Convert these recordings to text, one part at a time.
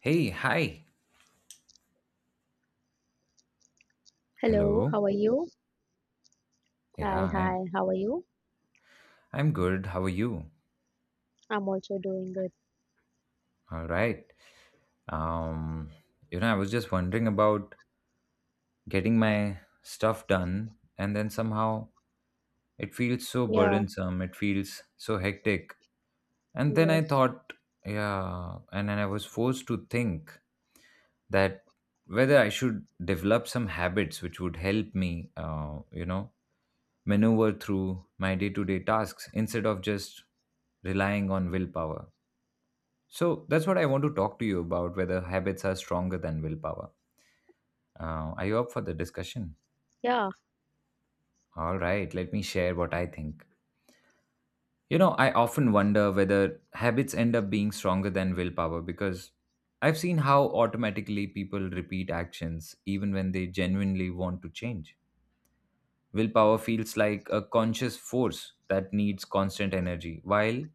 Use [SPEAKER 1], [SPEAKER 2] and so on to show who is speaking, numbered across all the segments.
[SPEAKER 1] Hey, hi.
[SPEAKER 2] Hello,
[SPEAKER 1] Hello.
[SPEAKER 2] how are you?
[SPEAKER 1] Yeah,
[SPEAKER 2] Hi,
[SPEAKER 1] I'm
[SPEAKER 2] hi, how are you?
[SPEAKER 1] I'm good. How are you?
[SPEAKER 2] I'm also doing good.
[SPEAKER 1] All right. Um, you know, I was just wondering about getting my stuff done, and then somehow it feels so
[SPEAKER 2] Yeah,
[SPEAKER 1] burdensome. It feels so hectic. And then I
[SPEAKER 2] yes,
[SPEAKER 1] thought, yeah, and then I was forced to think that whether I should develop some habits which would help me, you know, maneuver through my day-to-day tasks instead of just relying on willpower. So that's what I want to talk to you about whether habits are stronger than willpower. Are you up for the discussion?
[SPEAKER 2] yeah,
[SPEAKER 1] All right, let me share what I think. You know, I often wonder whether habits end up being stronger than willpower because I've seen how automatically people repeat actions even when they genuinely want to change. Willpower feels like a conscious force that needs constant energy, while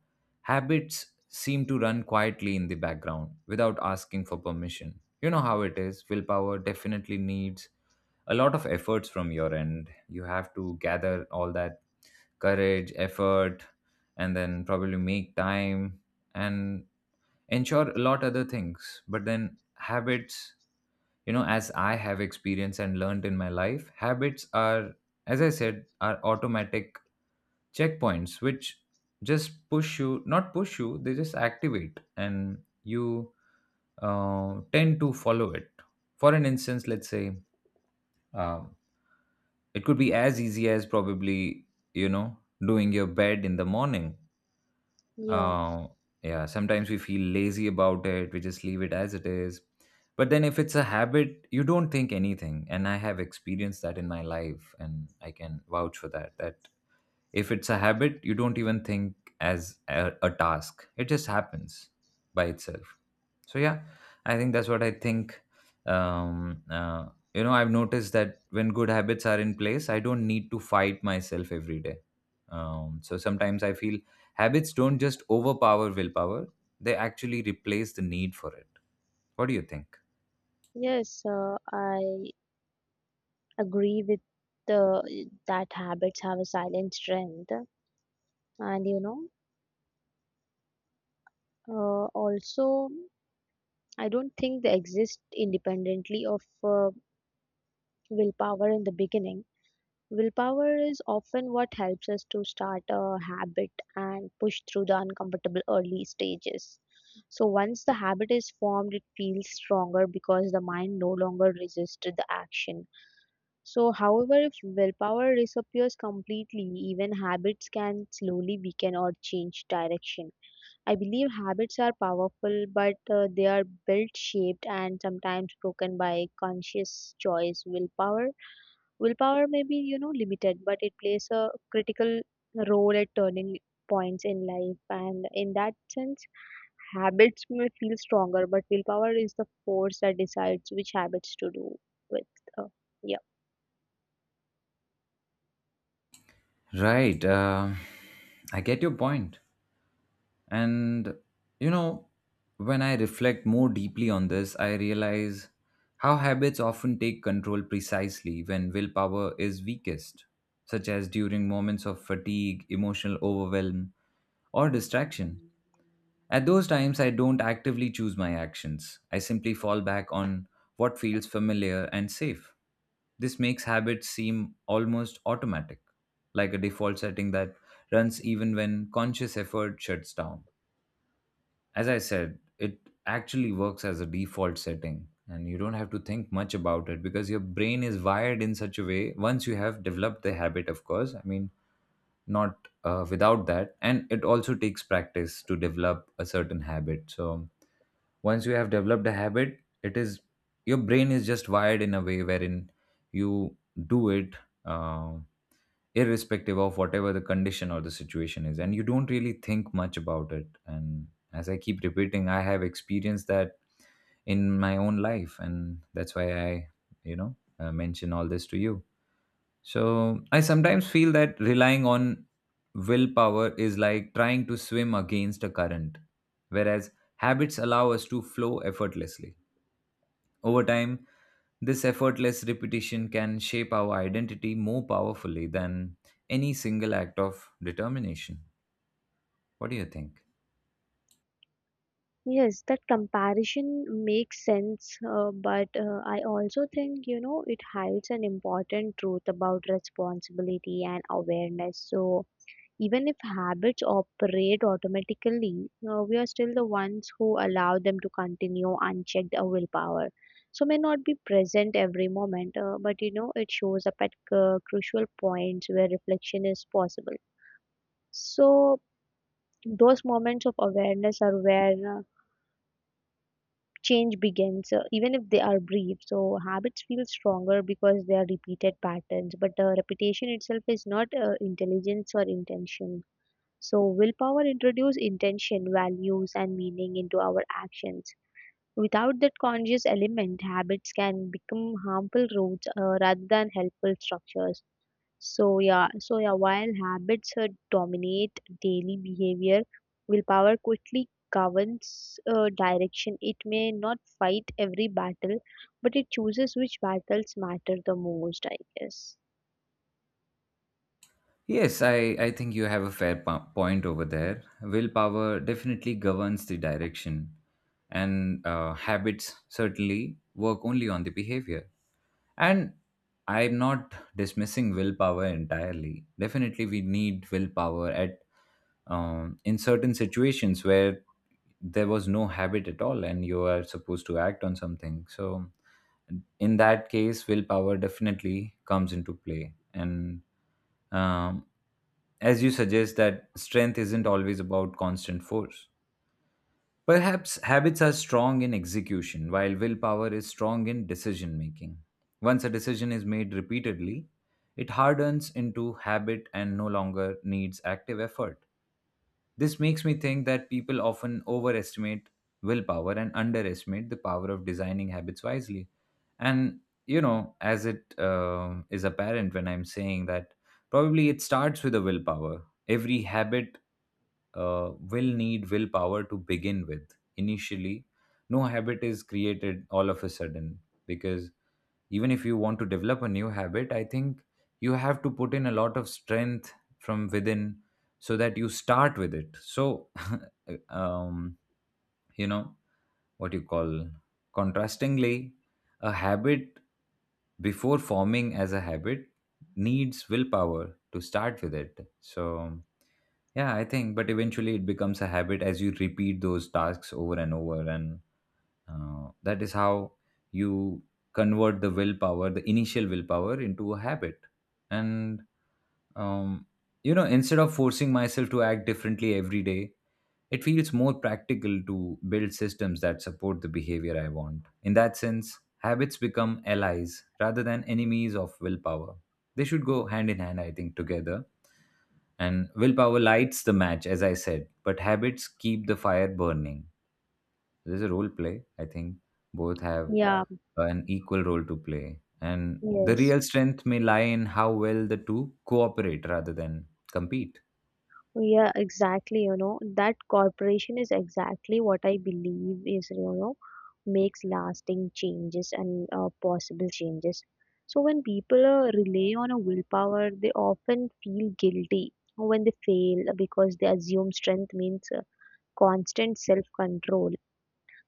[SPEAKER 1] habits seem to run quietly in the background without asking for permission. You know how it is. Willpower definitely needs a lot of efforts from your end. You have to gather all that courage, effort, and then probably make time and ensure a lot other things. But then habits, you know, as I have experienced and learned in my life, habits are, as I said, are automatic checkpoints which just push you, not push you they just activate and you tend to follow it. For an instance, let's say, um, it could be as easy as probably, you know, doing your bed in the morning.
[SPEAKER 2] yeah,
[SPEAKER 1] Uh, yeah, sometimes we feel lazy about it. We just leave it as it is. But then if it's a habit, you don't think anything. And I have experienced that in my life, and I can vouch for that. That if it's a habit, you don't even think as a task. It just happens by itself. So yeah, I think that's what I think. um uh, you know, I've noticed that when good habits are in place, I don't need to fight myself every day. So sometimes I feel habits don't just overpower willpower, they actually replace the need for it. What do you think?
[SPEAKER 2] yes. I agree with the that habits have a silent strength, and you know, also I don't think they exist independently of willpower in the beginning. Willpower is often what helps us to start a habit and push through the uncomfortable early stages. So, once the habit is formed, it feels stronger because the mind no longer resists the action. So, however, if willpower disappears completely, even habits can slowly weaken or change direction. I believe habits are powerful, but they are built, shaped, and sometimes broken by conscious choice. Willpower may be, you know, limited, but it plays a critical role at turning points in life. And in that sense, habits may feel stronger, but willpower is the force that decides which habits to do with. Uh, yeah.
[SPEAKER 1] Right. I get your point. And you know, when I reflect more deeply on this, I realize how habits often take control precisely when willpower is weakest, such as during moments of fatigue, emotional overwhelm, or distraction. At those times, I don't actively choose my actions. I simply fall back on what feels familiar and safe. This makes habits seem almost automatic, like a default setting that runs even when conscious effort shuts down. As I said, it actually works as a default setting and you don't have to think much about it because your brain is wired in such a way once you have developed the habit. Of course, I mean, not without that, and it also takes practice to develop a certain habit. So once you have developed a habit, it is, your brain is just wired in a way wherein you do it. Uh, Irrespective of whatever the condition or the situation is, and you don't really think much about it. And as I keep repeating, I have experienced that in my own life, and that's why I, you know, mention all this to you. So I sometimes feel that relying on willpower is like trying to swim against a current, whereas habits allow us to flow effortlessly over time. This effortless repetition can shape our identity more powerfully than any single act of determination. What do you think?
[SPEAKER 2] Yes, that comparison makes sense, but I also think, you know, it hides an important truth about responsibility and awareness. So, even if habits operate automatically, we are still the ones who allow them to continue unchecked our willpower. So may not be present every moment, but you know it shows up at crucial points where reflection is possible. So those moments of awareness are where change begins, even if they are brief. So habits feel stronger because they are repeated patterns, but repetition itself is not intelligence or intention. So, willpower introduces intention, values, and meaning into our actions. Without that conscious element, habits can become harmful roots rather than helpful structures. So, yeah, so yeah, while habits dominate daily behavior, willpower quickly governs direction. It may not fight every battle, but it chooses which battles matter the most, I guess.
[SPEAKER 1] Yes, I think you have a fair point over there. Willpower definitely governs the direction, and habits certainly work only on the behavior. And I'm not dismissing willpower entirely. Definitely, we need willpower at in certain situations where there was no habit at all, and you are supposed to act on something. So, in that case, willpower definitely comes into play. And um, as you suggest, that strength isn't always about constant force. Perhaps habits are strong in execution, while willpower is strong in decision making. Once a decision is made repeatedly, it hardens into habit and no longer needs active effort. This makes me think that people often overestimate willpower and underestimate the power of designing habits wisely. And, you know, as it is apparent when I'm saying that, probably it starts with the willpower. Every habit will need willpower to begin with. Initially, no habit is created all of a sudden because even if you want to develop a new habit, I think you have to put in a lot of strength from within so that you start with it. So, um, you know, what you call contrastingly, a habit before forming as a habit needs willpower to start with it. So, yeah, I think, but eventually it becomes a habit as you repeat those tasks over and over, and that is how you convert the willpower, the initial willpower, into a habit. And um, you know, instead of forcing myself to act differently every day, it feels more practical to build systems that support the behavior I want. In that sense, habits become allies rather than enemies of willpower. They should go hand in hand, I think, together, and willpower lights the match, as I said, but habits keep the fire burning. There's a role play. I think both have
[SPEAKER 2] Yeah.
[SPEAKER 1] an equal role to play. And
[SPEAKER 2] Yeah,
[SPEAKER 1] the
[SPEAKER 2] yes.
[SPEAKER 1] real strength may lie in how well the two cooperate rather than compete.
[SPEAKER 2] Yeah, Exactly, you know, that corporation is exactly what I believe is, you know, makes lasting changes and possible changes. So when people rely on a willpower, they often feel guilty when they fail because they assume strength means constant self-control.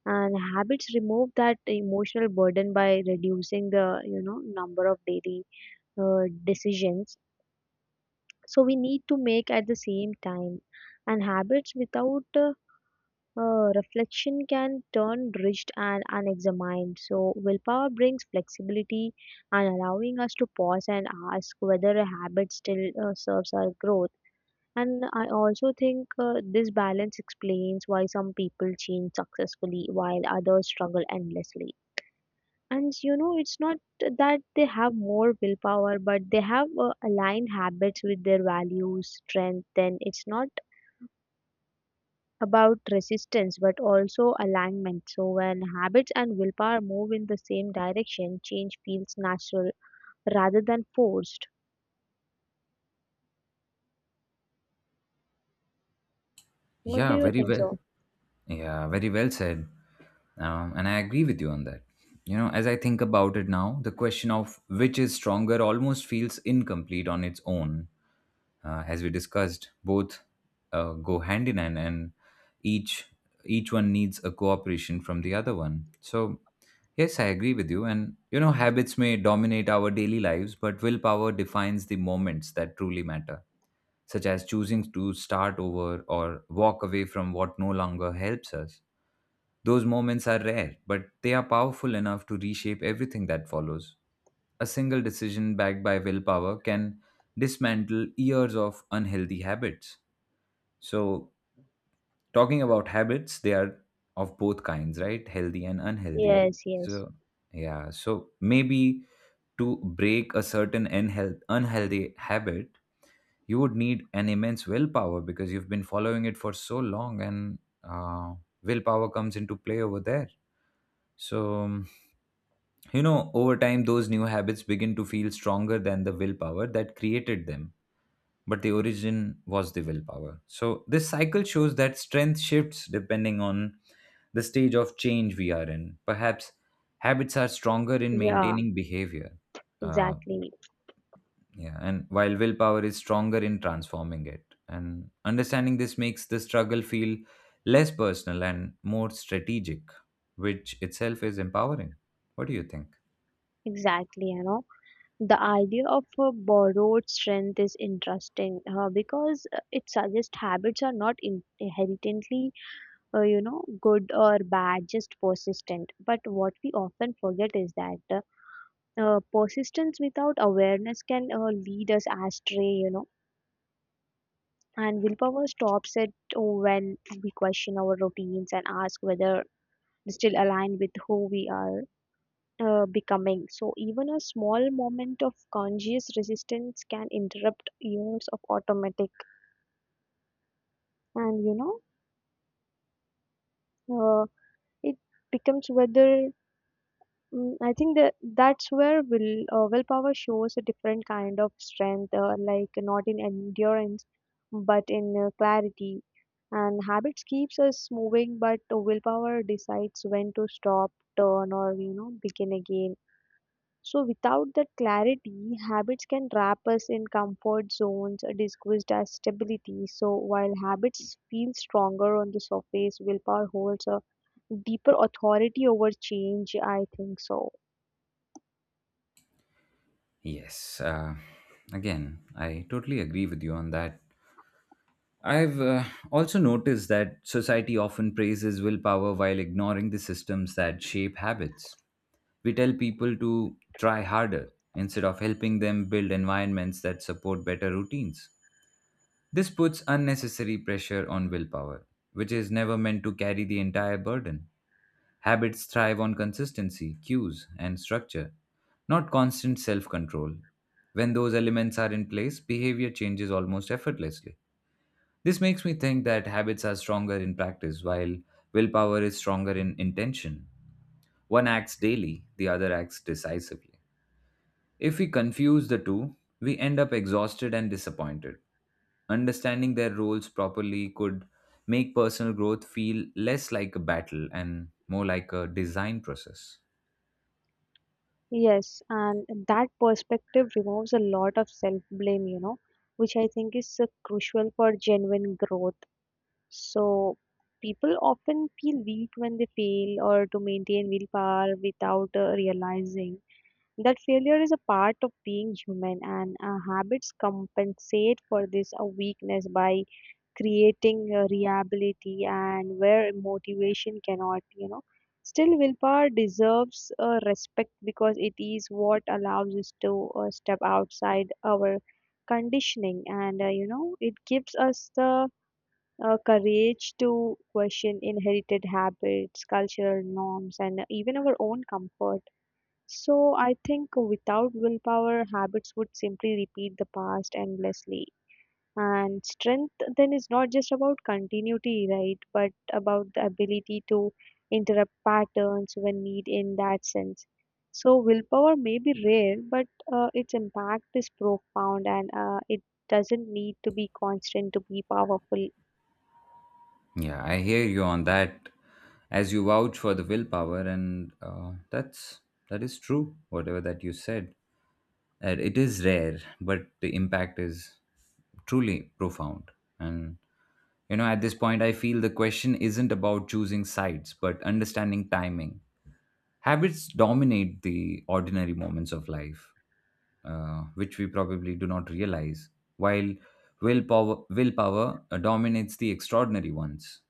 [SPEAKER 2] And habits remove that emotional burden by reducing the, you know, number of daily decisions so we need to make at the same time, and habits without reflection can turn rigid and unexamined. So willpower brings flexibility and allowing us to pause and ask whether a habit still serves our growth. And I also think this balance explains why some people change successfully while others struggle endlessly. And you know, it's not that they have more willpower, but they have aligned habits with their values, strength. Then it's not about resistance, but also alignment. So when habits and willpower move in the same direction, change feels natural rather than forced. What do
[SPEAKER 1] Yeah,
[SPEAKER 2] you
[SPEAKER 1] very
[SPEAKER 2] think
[SPEAKER 1] well.
[SPEAKER 2] so?
[SPEAKER 1] Yeah, very well said. And I agree with you on that. You know, as I think about it now, the question of which is stronger almost feels incomplete on its own. As we discussed, both go hand in hand, and each each one needs a cooperation from the other one. So, yes, I agree with you. And you know, habits may dominate our daily lives, but willpower defines the moments that truly matter such as choosing to start over or walk away from what no longer helps us. Those moments are rare, but they are powerful enough to reshape everything that follows. A single decision backed by willpower can dismantle years of unhealthy habits. So, talking about habits, they are of both kinds, right? Healthy and unhealthy.
[SPEAKER 2] Yes, yes.
[SPEAKER 1] So, yeah, so maybe to break a certain unhealthy habit, you would need an immense willpower because you've been following it for so long, and willpower comes into play over there. So you know, over time those new habits begin to feel stronger than the willpower that created them, but the origin was the willpower. So this cycle shows that strength shifts depending on the stage of change we are in. Perhaps habits are stronger in
[SPEAKER 2] Yeah,
[SPEAKER 1] maintaining behavior. uh,
[SPEAKER 2] exactly.
[SPEAKER 1] Yeah, and while willpower is stronger in transforming it. And understanding this makes the struggle feel less personal and more strategic, which itself is empowering. What do you think?
[SPEAKER 2] Exactly, you know, the idea of a borrowed strength is interesting because it suggests habits are not inherently you know, good or bad, just persistent. But what we often forget is that persistence without awareness can lead us astray, you know. And willpower stops it when we question our routines and ask whether they still align with who we are becoming. So even a small moment of conscious resistance can interrupt years of automatic, and you know, it becomes whether. Mm, I think that that's where willpower shows a different kind of strength, like not in endurance, but in clarity. And habits keeps us moving, but willpower decides when to stop, turn, or you know begin again. So without that clarity, habits can trap us in comfort zones, disguised as stability. So while habits feel stronger on the surface, willpower holds a deeper authority over change. I think so.
[SPEAKER 1] Yes, again, I totally agree with you on that. I've also noticed that society often praises willpower while ignoring the systems that shape habits. We tell people to try harder instead of helping them build environments that support better routines. This puts unnecessary pressure on willpower, which is never meant to carry the entire burden. Habits thrive on consistency, cues, and structure, not constant self control. When those elements are in place, behavior changes almost effortlessly. This makes me think that habits are stronger in practice, while willpower is stronger in intention. One acts daily, the other acts decisively. If we confuse the two, we end up exhausted and disappointed. Understanding their roles properly could make personal growth feel less like a battle and more like a design process.
[SPEAKER 2] Yes, and that perspective removes a lot of self blame, you know, which I think is crucial for genuine growth. So, people often feel weak when they fail or to maintain willpower without realizing that failure is a part of being human, and habits compensate for this weakness by creating reliability and where motivation cannot you know still willpower deserves respect because it is what allows us to step outside our conditioning. And you know it gives us the courage to question inherited habits, cultural norms and even our own comfort. So I think without willpower habits would simply repeat the past endlessly, and strength then is not just about continuity, right? But about the ability to interrupt patterns when need in that sense. So willpower may be rare, but its impact is profound and it doesn't need to be constant to be powerful.
[SPEAKER 1] Yeah, I hear you on that. As you vouch for the willpower, and that is true. Whatever that you said, and it is rare, but the impact is truly profound. And you know, at this point, I feel the question isn't about choosing sides, but understanding timing. Habits dominate the ordinary moments of life, which we probably do not realize, while willpower dominates the extraordinary ones.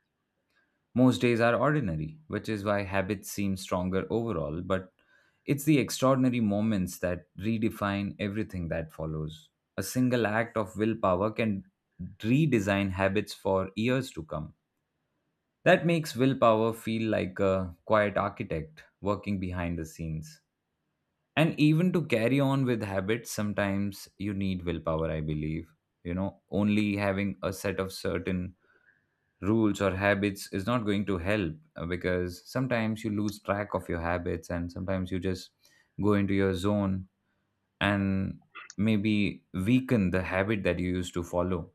[SPEAKER 1] Most days are ordinary, which is why habits seem stronger overall, but it's the extraordinary moments that redefine everything that follows. A single act of willpower can redesign habits for years to come. That makes willpower feel like a quiet architect working behind the scenes. And even to carry on with habits, sometimes you need willpower, I believe. You know, only having a set of certain rules or habits is not going to help, because sometimes you lose track of your habits and sometimes you just go into your zone and maybe weaken the habit that you used to follow.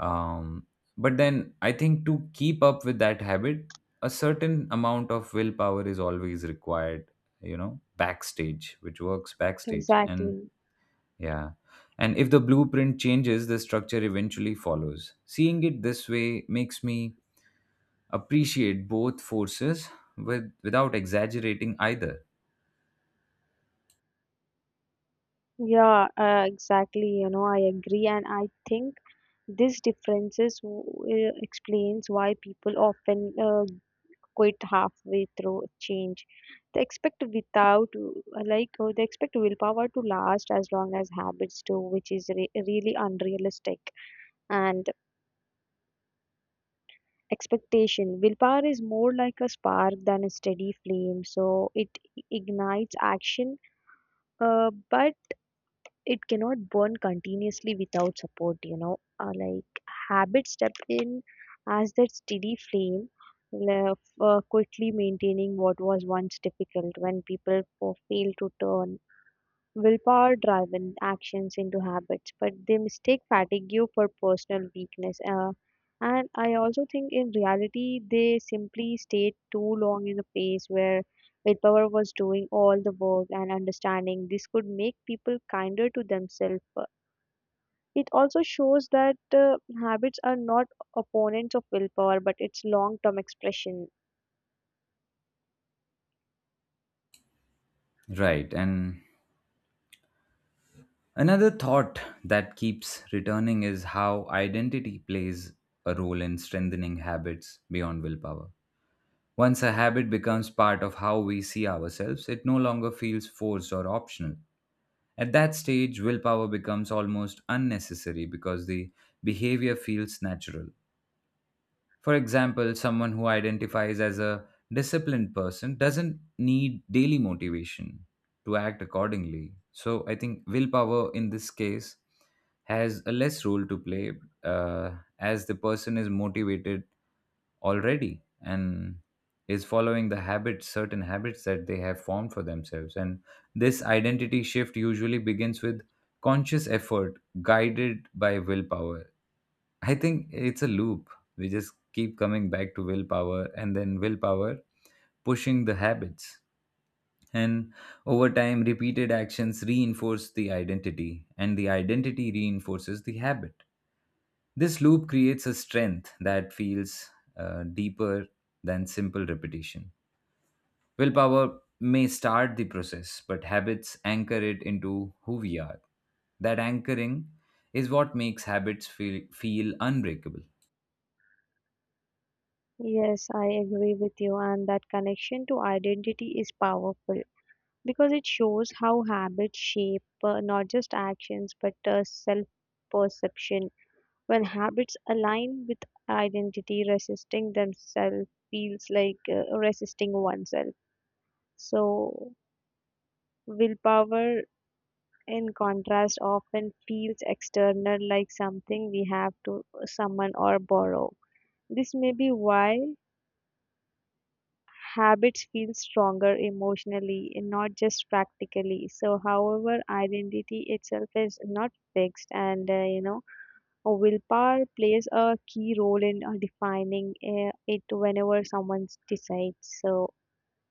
[SPEAKER 1] um, but then I think to keep up with that habit, a certain amount of willpower is always required, you know, backstage, which works backstage. And
[SPEAKER 2] Exactly.
[SPEAKER 1] yeah, and if the blueprint changes, the structure eventually follows. Seeing it this way makes me appreciate both forces with, without exaggerating either.
[SPEAKER 2] Yeah, exactly. You know, I agree. And I think this differences explains why people often quit halfway through change. They expect without, like, they expect willpower to last as long as habits do, which is really unrealistic. And expectation, willpower is more like a spark than a steady flame, so it ignites action, but it cannot burn continuously without support, you know, like habits step in as that steady flame, quickly maintaining what was once difficult when people fail to turn willpower driven actions into habits, but they mistake fatigue for personal weakness. And I also think in reality, they simply stayed too long in a place where willpower was doing all the work and understanding. This could make people kinder to themselves. It also shows that habits are not opponents of willpower, but it's long term expression.
[SPEAKER 1] Right. And another thought that keeps returning is how identity plays a role in strengthening habits beyond willpower. Once a habit becomes part of how we see ourselves, it no longer feels forced or optional. At that stage, willpower becomes almost unnecessary because the behavior feels natural. For example, someone who identifies as a disciplined person doesn't need daily motivation to act accordingly. So I think willpower in this case has a less role to play uh, as the person is motivated already and is following the habits certain habits that they have formed for themselves, and this identity shift usually begins with conscious effort guided by willpower. I think it's a loop. We just keep coming back to willpower, and then willpower pushing the habits, and over time repeated actions reinforce the identity and the identity reinforces the habit. This loop creates a strength that feels deeper than simple repetition. Willpower may start the process, but habits anchor it into who we are. That anchoring is what makes habits feel unbreakable.
[SPEAKER 2] Yes, I agree with you, and that connection to identity is powerful, because it shows how habits shape not just actions but self perception. When habits align with identity, resisting themselves feels like resisting oneself. So, willpower, in contrast, often feels external like something we have to summon or borrow. This may be why habits feel stronger emotionally and not just practically. So, however, identity itself is not fixed, and you know, a willpower plays a key role in defining it whenever someone decides. So,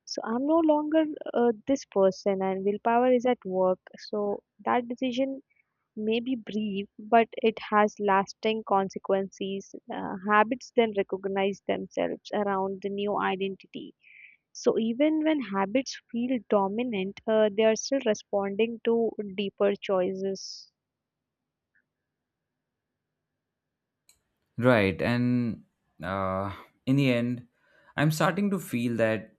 [SPEAKER 2] so I'm no longer this person, and willpower is at work. So, that decision may be brief, but it has lasting consequences. Habits then recognize themselves around the new identity. So even when habits feel dominant, they are still responding to deeper choices.
[SPEAKER 1] Right, and uh, in the end, I'm starting to feel that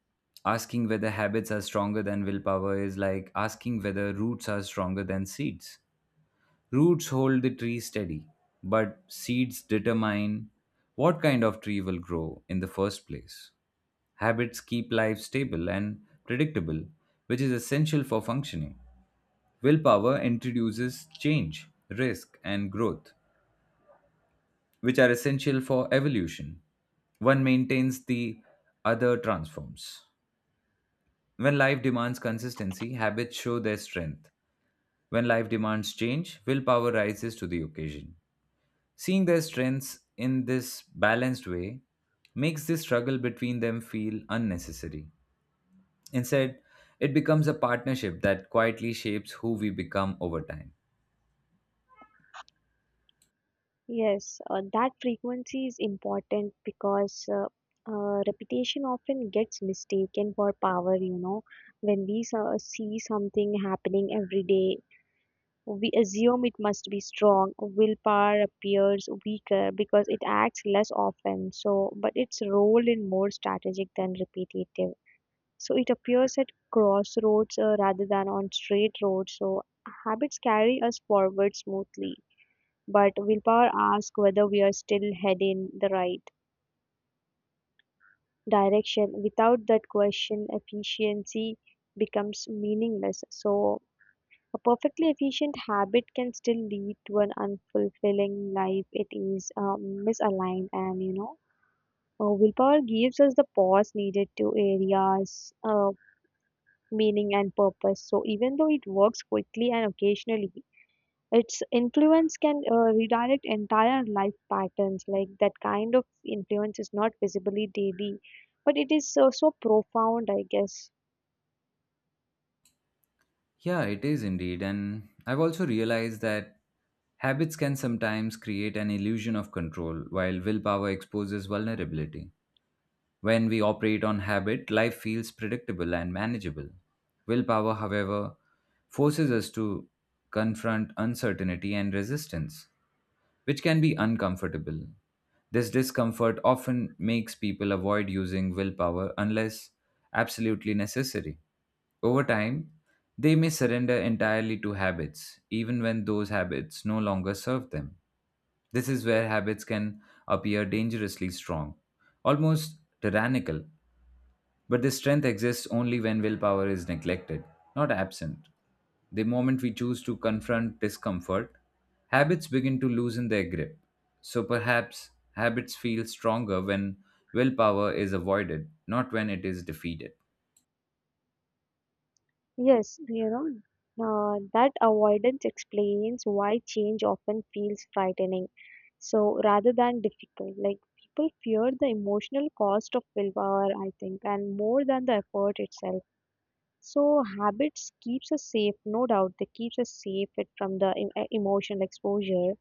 [SPEAKER 1] asking whether habits are stronger than willpower is like asking whether roots are stronger than seeds. Roots hold the tree steady, but seeds determine what kind of tree will grow in the first place. Habits keep life stable and predictable, which is essential for functioning. Willpower introduces change, risk, and growth, which are essential for evolution. One maintains, the other transforms. When life demands consistency, habits show their strength. When life demands change, willpower rises to the occasion. Seeing their strengths in this balanced way makes this struggle between them feel unnecessary. Instead, it becomes a partnership that quietly shapes who we become over time.
[SPEAKER 2] Yes, that frequency is important because repetition often gets mistaken for power, you know. When we see something happening every day, we assume it must be strong. Willpower appears weaker because it acts less often. So, but its role is more strategic than repetitive. So it appears at crossroads rather than on straight roads. So habits carry us forward smoothly, but willpower asks whether we are still heading the right direction. Without that question, efficiency becomes meaningless. So a perfectly efficient habit can still lead to an unfulfilling life. It is misaligned, and you know, willpower gives us the pause needed to areas meaning and purpose. So even though it works quickly and occasionally, its influence can redirect entire life patterns. Like that kind of influence is not visibly daily, but it is so, so profound, I guess.
[SPEAKER 1] Yeah, it is indeed. And I've also realized that habits can sometimes create an illusion of control while willpower exposes vulnerability. When we operate on habit, life feels predictable and manageable. Willpower, however, forces us to confront uncertainty and resistance, which can be uncomfortable. This discomfort often makes people avoid using willpower unless absolutely necessary. Over time, they may surrender entirely to habits, even when those habits no longer serve them. This is where habits can appear dangerously strong, almost tyrannical, but this strength exists only when willpower is neglected, not absent. The moment we choose to confront discomfort, habits begin to loosen their grip. So perhaps habits feel stronger when willpower is avoided, not when it is defeated.
[SPEAKER 2] Yes, you know, that avoidance explains why change often feels frightening. So rather than difficult, like people fear the emotional cost of willpower, I think, and more than the effort itself. So habits keeps us safe, no doubt. They keeps us safe from the emotional exposure,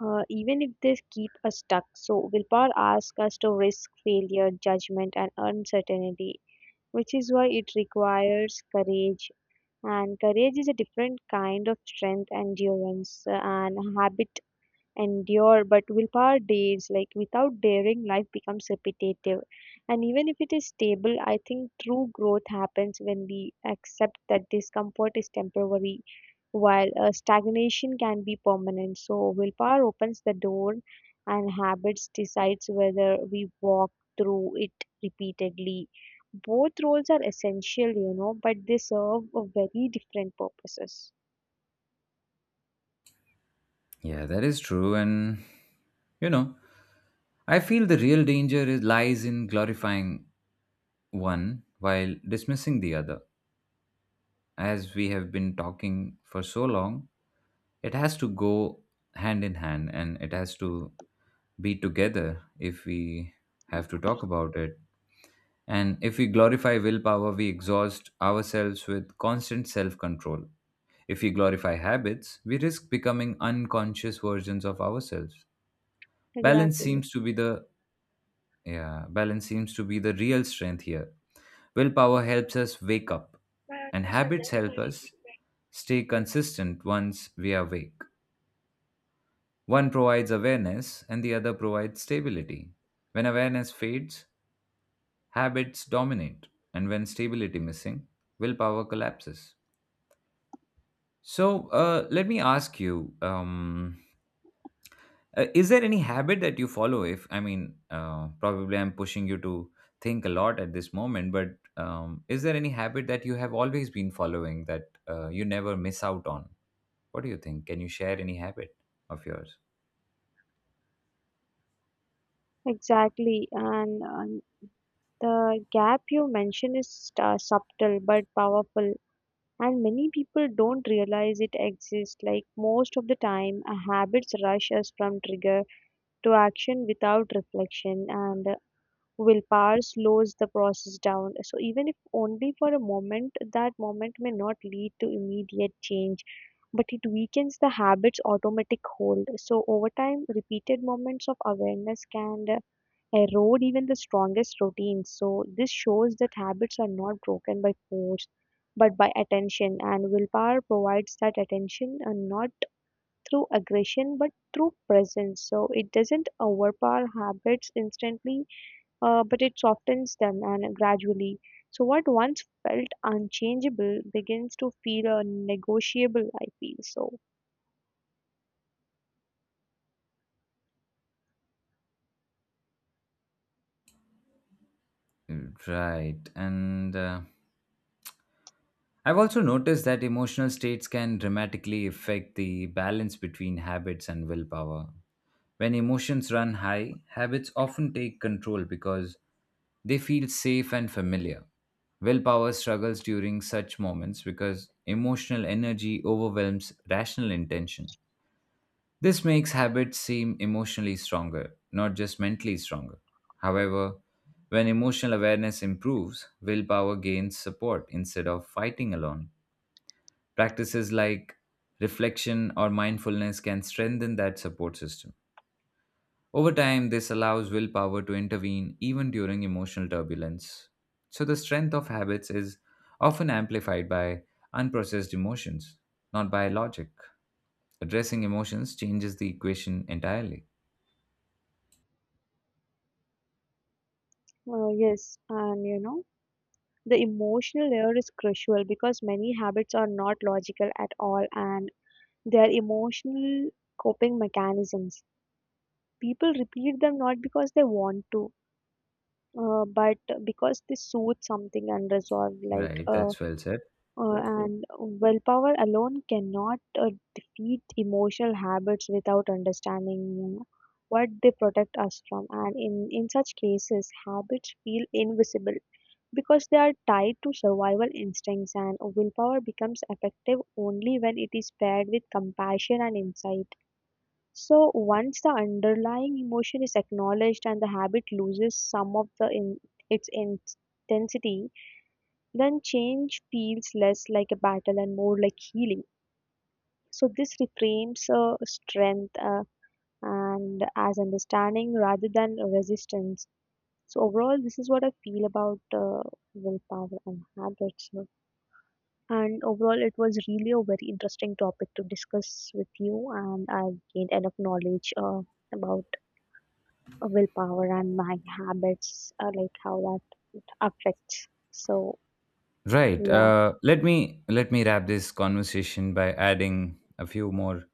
[SPEAKER 2] even if they keep us stuck. So willpower asks us to risk failure, judgment, and uncertainty, which is why it requires courage. And courage is a different kind of strength, and endurance, and habit endure, but willpower days, like without daring, life becomes repetitive. And even if it is stable, I think true growth happens when we accept that discomfort is temporary, while stagnation can be permanent. So, willpower opens the door, and habits decides whether we walk through it repeatedly. Both roles are essential, you know, but they serve a very different purposes.
[SPEAKER 1] Yeah, that is true. And, you know, I feel the real danger is, lies in glorifying one while dismissing the other. As we have been talking for so long, it has to go hand in hand and it has to be together if we have to talk about it. And if we glorify willpower, we exhaust ourselves with constant self control. If we glorify habits, we risk becoming unconscious versions of ourselves. Balance
[SPEAKER 2] Exactly.
[SPEAKER 1] seems to be the, yeah, balance seems to be the real strength here. Willpower helps us wake up, and habits help us stay consistent once we are awake. One provides awareness, and the other provides stability. When awareness fades, habits dominate, and when stability missing, willpower collapses. So, let me ask you. Is there any habit that you follow? If I mean, probably I'm pushing you to think a lot at this moment, but is there any habit that you have always been following that you never miss out on? What do you think? Can you share any habit of yours?
[SPEAKER 2] Exactly, and the gap you mention is subtle but powerful, and many people don't realize it exists. Like most of the time, habits rush us from trigger to action without reflection, and willpower slows the process down. So, even if only for a moment, that moment may not lead to immediate change. But it weakens the habit's automatic hold. So, over time, repeated moments of awareness can erode even the strongest routines. So this shows that habits are not broken by force, but by attention. And willpower provides that attention, and not through aggression, but through presence. So it doesn't overpower habits instantly, but it softens them and gradually. So what once felt unchangeable begins to feel negotiable. I feel so.
[SPEAKER 1] Mm. Right. And I've also noticed that emotional states can dramatically affect the balance between habits and willpower. When emotions run high, habits often take control because they feel safe and familiar. Willpower struggles during such moments because emotional energy overwhelms rational intention. This makes habits seem emotionally stronger, not just mentally stronger. However, when emotional awareness improves, willpower gains support instead of fighting alone. Practices like reflection or mindfulness can strengthen that support system. Over time, this allows willpower to intervene even during emotional turbulence. So, the strength of habits is often amplified by unprocessed emotions, not by logic. Addressing emotions changes the equation entirely.
[SPEAKER 2] Yes, and you know, the emotional layer is crucial because many habits are not logical at all and they are emotional coping mechanisms. People repeat them not because they want to, but because they soothe something unresolved.
[SPEAKER 1] Right, that's well said.
[SPEAKER 2] And willpower alone cannot defeat emotional habits without understanding what they protect us from. And in such cases, habits feel invisible because they are tied to survival instincts and willpower becomes effective only when it is paired with compassion and insight. So once the underlying emotion is acknowledged and the habit loses some of its intensity, then change feels less like a battle and more like healing. So this reframes strength and as understanding rather than resistance. So overall, this is what I feel about willpower and habits. And overall, it was really a very interesting topic to discuss with you, and I gained enough knowledge about willpower and my habits, like how that affects. So,
[SPEAKER 1] Right.
[SPEAKER 2] yeah,
[SPEAKER 1] Let me wrap this conversation by adding a few more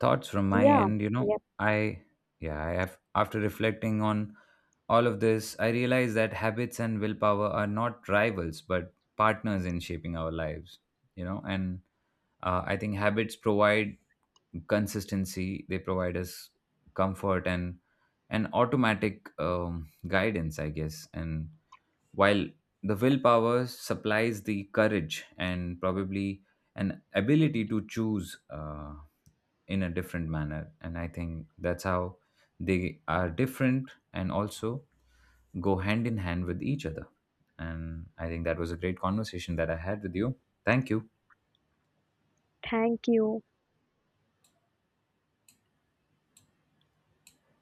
[SPEAKER 1] thoughts from my
[SPEAKER 2] yeah,
[SPEAKER 1] end. You know,
[SPEAKER 2] yeah.
[SPEAKER 1] I, yeah, I have, after reflecting on all of this, I realize that habits and willpower are not rivals but partners in shaping our lives. You know, and I think habits provide consistency. They provide us comfort and an automatic guidance, I guess, and while the willpower supplies the courage and probably an ability to choose in a different manner. And I think that's how they are different and also go hand in hand with each other. And I think that was a great conversation that I had with you. Thank you.
[SPEAKER 2] Thank you.